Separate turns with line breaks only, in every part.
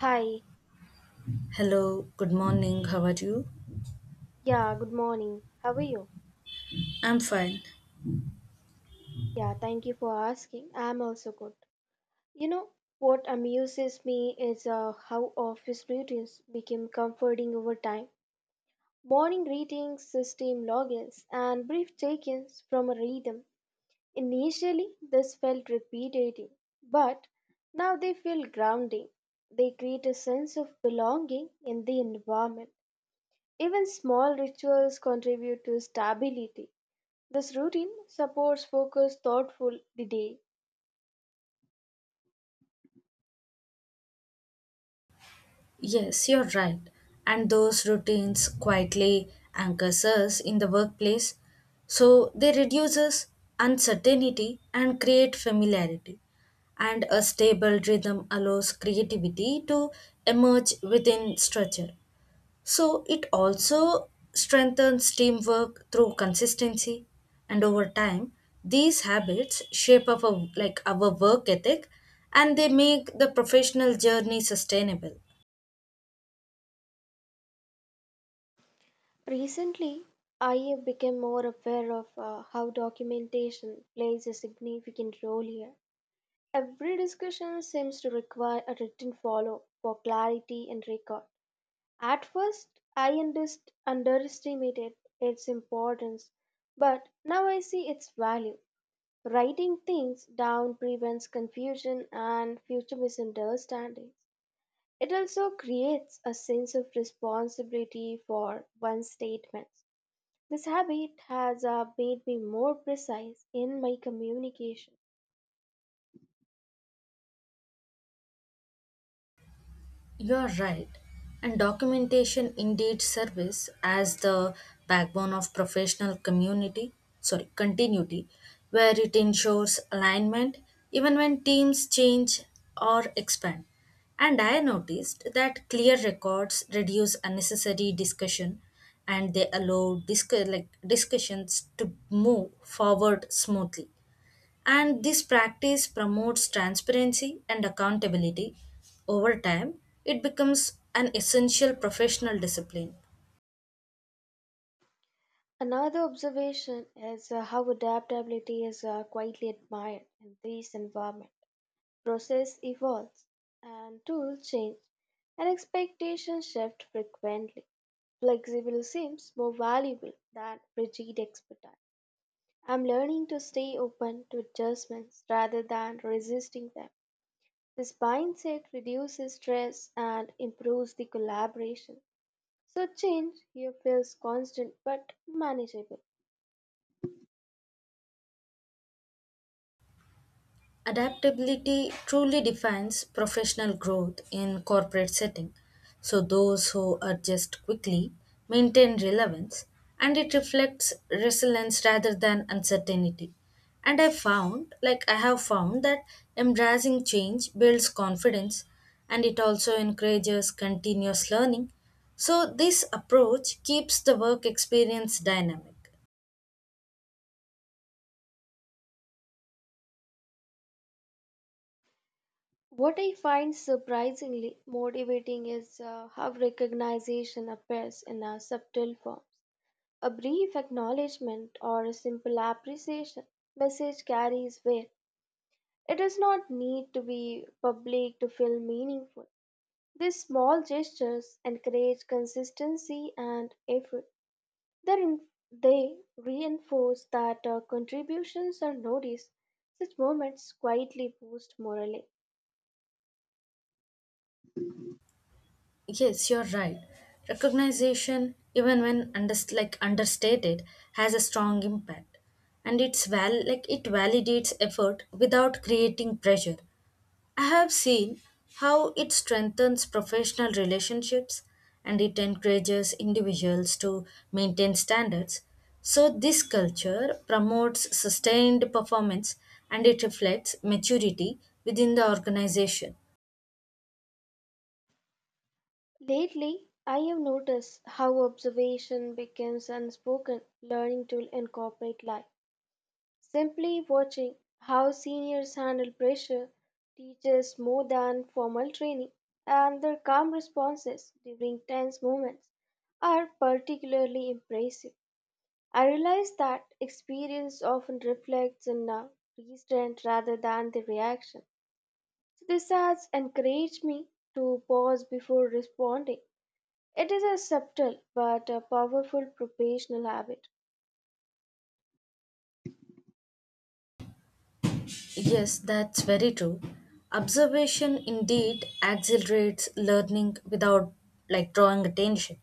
Hi,
Hello, good morning, how are you?
yeah, good morning. How are you?
I'm fine.
Yeah, thank you for asking. I'm also good. You know, what amuses me is how office routines became comforting over time. Morning greetings, system logins, and brief check ins from a rhythm. Initially, this felt repetitive, but now they feel grounding. They create a sense of belonging in the environment. Even small rituals contribute to stability. This routine supports focused, thoughtful the day.
Yes, you're right. And those routines quietly anchors us in the workplace. So they reduces uncertainty and create familiarity. And a stable rhythm allows creativity to emerge within structure. So it also strengthens teamwork through consistency, and over time, these habits shape our work ethic, and they make the professional journey sustainable.
Recently, I have become more aware of how documentation plays a significant role here. Every discussion seems to require a written follow for clarity and record. At first, underestimated its importance, but now I see its value. Writing things down prevents confusion and future misunderstandings. It also creates a sense of responsibility for one's statements. This habit has made me more precise in my communication.
You're right. And documentation indeed serves as the backbone of professional community, sorry, continuity, where it ensures alignment even when teams change or expand. And I noticed that clear records reduce unnecessary discussion and they allow like discussions to move forward smoothly. And this practice promotes transparency and accountability. Over time, it becomes an essential professional discipline.
Another observation is how adaptability is quietly admired in this environment. Process evolves and tools change, and expectations shift frequently. Flexible seems more valuable than rigid expertise. I'm learning to stay open to adjustments rather than resisting them. This mindset reduces stress and improves the collaboration. So, change here feels constant but manageable.
Adaptability truly defines professional growth in corporate setting. So those who adjust quickly maintain relevance and it reflects resilience rather than uncertainty. And I have found that embracing change builds confidence and it also encourages continuous learning. So this approach keeps the work experience dynamic.
What I find surprisingly motivating is how recognition appears in our subtle forms. A brief acknowledgement or a simple appreciation message carries weight. It does not need to be public to feel meaningful. These small gestures encourage consistency and effort. They reinforce that our contributions are noticed. Such moments quietly boost morale.
Yes, you're right. Recognition, even when like understated, has a strong impact, and it validates effort without creating pressure. I have seen how it strengthens professional relationships, and it encourages individuals to maintain standards. So this culture promotes sustained performance, and it reflects maturity within the organization.
Lately, I have noticed how observation becomes unspoken learning tool in corporate life. Simply watching how seniors handle pressure teaches more than formal training, and their calm responses during tense moments are particularly impressive. I realize that experience often reflects in a restraint rather than the reaction. So this has encouraged me to pause before responding. It is a subtle but a powerful professional habit.
Yes, that's very true. Observation indeed accelerates learning without like drawing attention,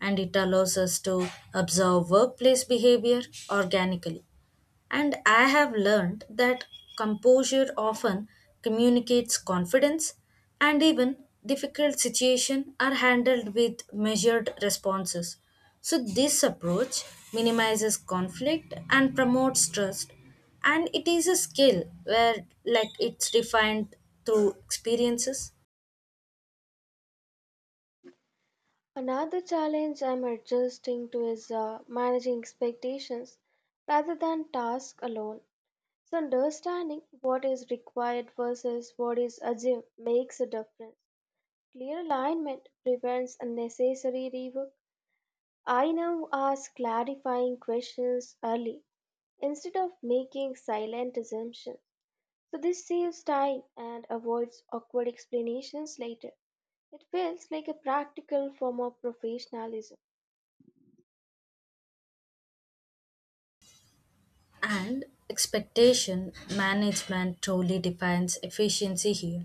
and it allows us to observe workplace behavior organically. And I have learned that composure often communicates confidence, and even difficult situations are handled with measured responses. So this approach minimizes conflict and promotes trust. And it is a skill where, like, it's refined through experiences.
Another challenge I'm adjusting to is managing expectations rather than task alone. So, understanding what is required versus what is assumed makes a difference. Clear alignment prevents unnecessary rework. I now ask clarifying questions early instead of making silent assumptions. So, this saves time and avoids awkward explanations later. It feels like a practical form of professionalism.
And expectation management truly defines efficiency here,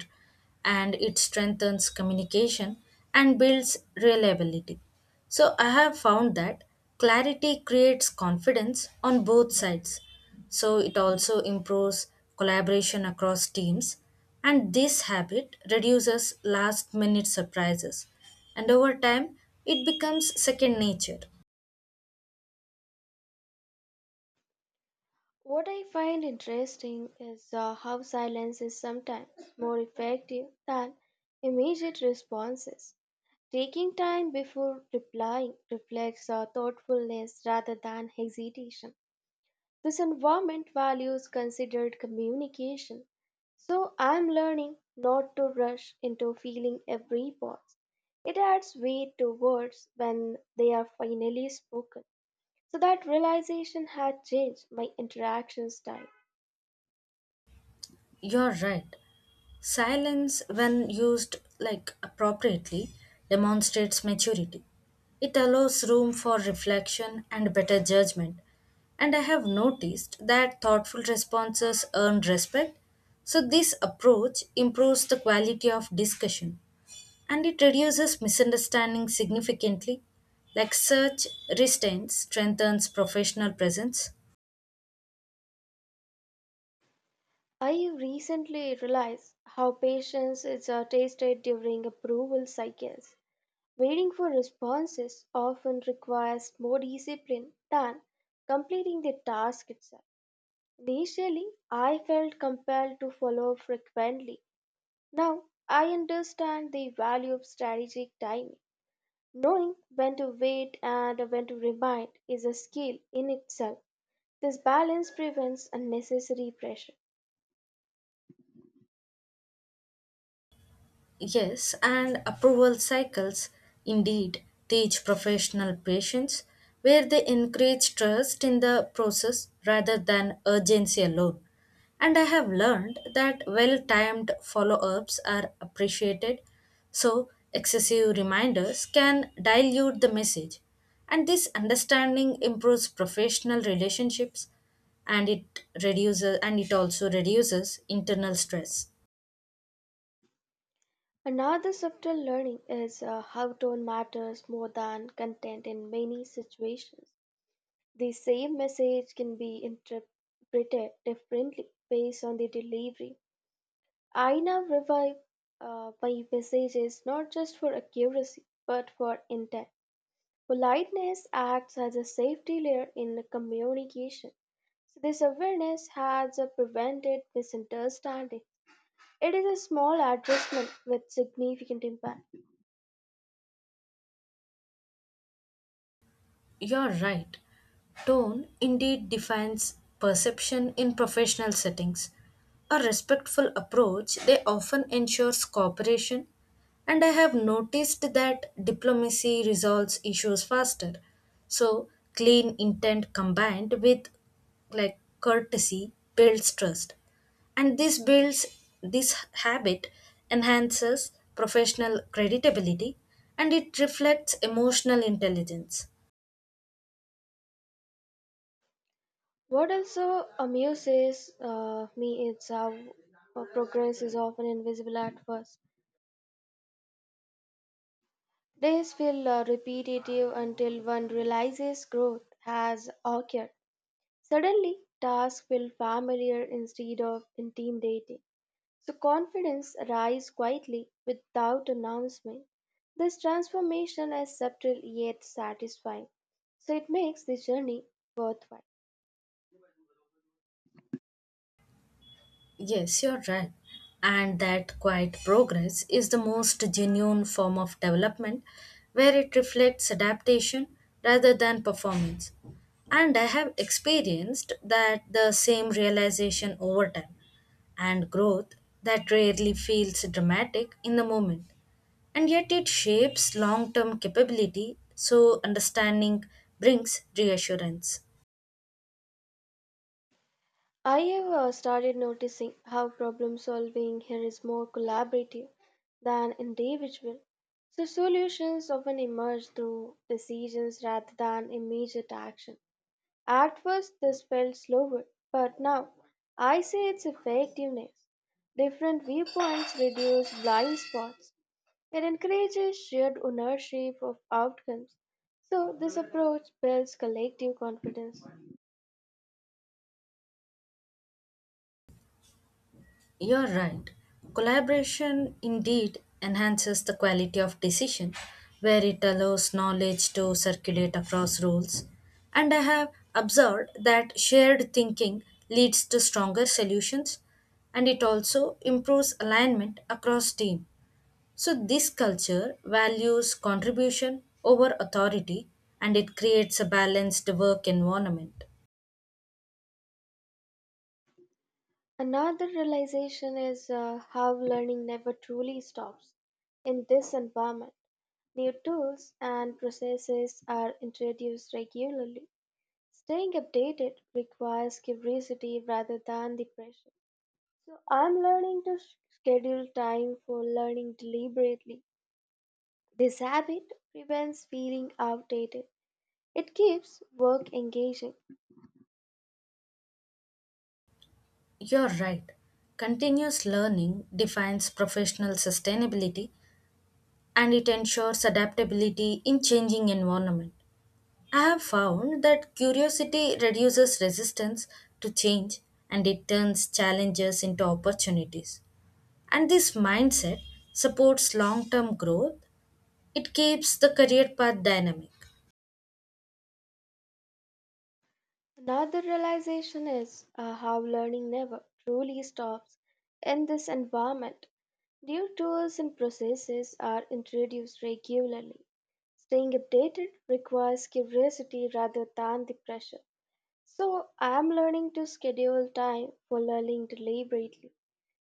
and it strengthens communication and builds reliability. So I have found that clarity creates confidence on both sides. So it also improves collaboration across teams, and this habit reduces last minute surprises. And over time, it becomes second nature.
What I find interesting is how silence is sometimes more effective than immediate responses. Taking time before replying reflects thoughtfulness rather than hesitation. This environment values considered communication. So I'm learning not to rush into feeling every pause. It adds weight to words when they are finally spoken. So that realization had changed my interaction style.
You're right. Silence, when used like appropriately, demonstrates maturity. It allows room for reflection and better judgment. And I have noticed that thoughtful responses earn respect. So this approach improves the quality of discussion and it reduces misunderstanding significantly. Like such restraint strengthens professional presence.
I recently realized how patience is tasted during approval cycles. Waiting for responses often requires more discipline than completing the task itself. Initially, I felt compelled to follow frequently. Now, I understand the value of strategic timing. Knowing when to wait and when to remind is a skill in itself. This balance prevents unnecessary pressure.
Yes, and approval cycles indeed teach professional patience where they encourage trust in the process rather than urgency alone. And I have learned that well timed follow ups are appreciated, so excessive reminders can dilute the message. And this understanding improves professional relationships and it also reduces internal stress.
Another subtle learning is how tone matters more than content in many situations. The same message can be interpreted differently based on the delivery. I now revive my messages not just for accuracy but for intent. Politeness acts as a safety layer in communication. So this awareness has prevented misunderstanding. It is a small adjustment with significant impact.
You're right. Tone indeed defines perception in professional settings. A respectful approach, they often ensures cooperation, and I have noticed that diplomacy resolves issues faster. So, clean intent combined with like courtesy builds trust. And this habit enhances professional credibility and it reflects emotional intelligence.
What also amuses me is how progress is often invisible at first. Days feel repetitive until one realizes growth has occurred. Suddenly, tasks feel familiar instead of intimidating. So, confidence rises quietly without announcement. This transformation is subtle yet satisfying, so it makes the journey worthwhile.
Yes, you're right. And that quiet progress is the most genuine form of development where it reflects adaptation rather than performance. And I have experienced that the same realization over time and growth that rarely feels dramatic in the moment. And yet it shapes long term capability, so understanding brings reassurance.
I have started noticing how problem solving here is more collaborative than individual. So, solutions often emerge through decisions rather than immediate action. At first, this felt slower, but now I see its effectiveness. Different viewpoints reduce blind spots. It encourages shared ownership of outcomes. So, this approach builds collective confidence.
You're right. Collaboration indeed enhances the quality of decision where it allows knowledge to circulate across roles. And I have observed that shared thinking leads to stronger solutions and it also improves alignment across team. So this culture values contribution over authority and it creates a balanced work environment.
Another realization is how learning never truly stops. In this environment, new tools and processes are introduced regularly. Staying updated requires curiosity rather than the pressure. So, I'm learning to schedule time for learning deliberately. This habit prevents feeling outdated, it keeps work engaging.
You're right. Continuous learning defines professional sustainability and it ensures adaptability in changing environment. I have found that curiosity reduces resistance to change and it turns challenges into opportunities. And this mindset supports long-term growth. It keeps the career path dynamic.
Another realization is how learning never truly stops in this environment. New tools and processes are introduced regularly. Staying updated requires curiosity rather than the pressure. So, I am learning to schedule time for learning deliberately.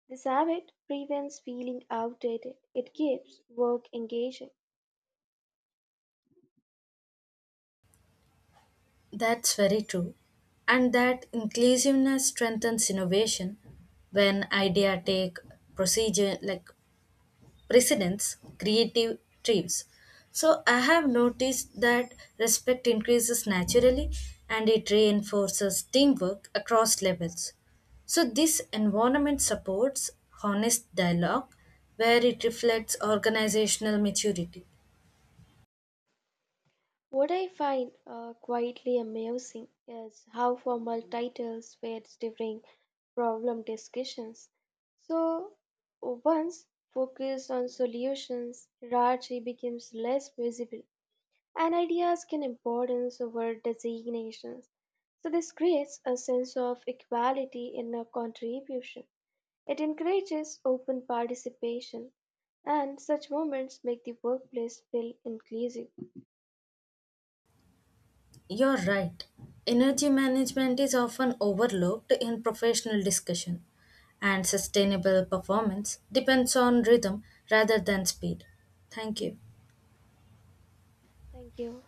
This habit prevents feeling outdated, it keeps work engaging.
That's very true. And that inclusiveness strengthens innovation when idea take procedure like precedents, creative thrives. So I have noticed that respect increases naturally and it reinforces teamwork across levels. So this environment supports honest dialogue where it reflects organizational maturity.
What I find quietly amusing is how formal titles were during problem discussions. So, once focused on solutions, hierarchy becomes less visible, and ideas gain importance over designations. So, this creates a sense of equality in a contribution. It encourages open participation, and such moments make the workplace feel inclusive.
You're right. Energy management is often overlooked in professional discussion, and sustainable performance depends on rhythm rather than speed. Thank you.
Thank you.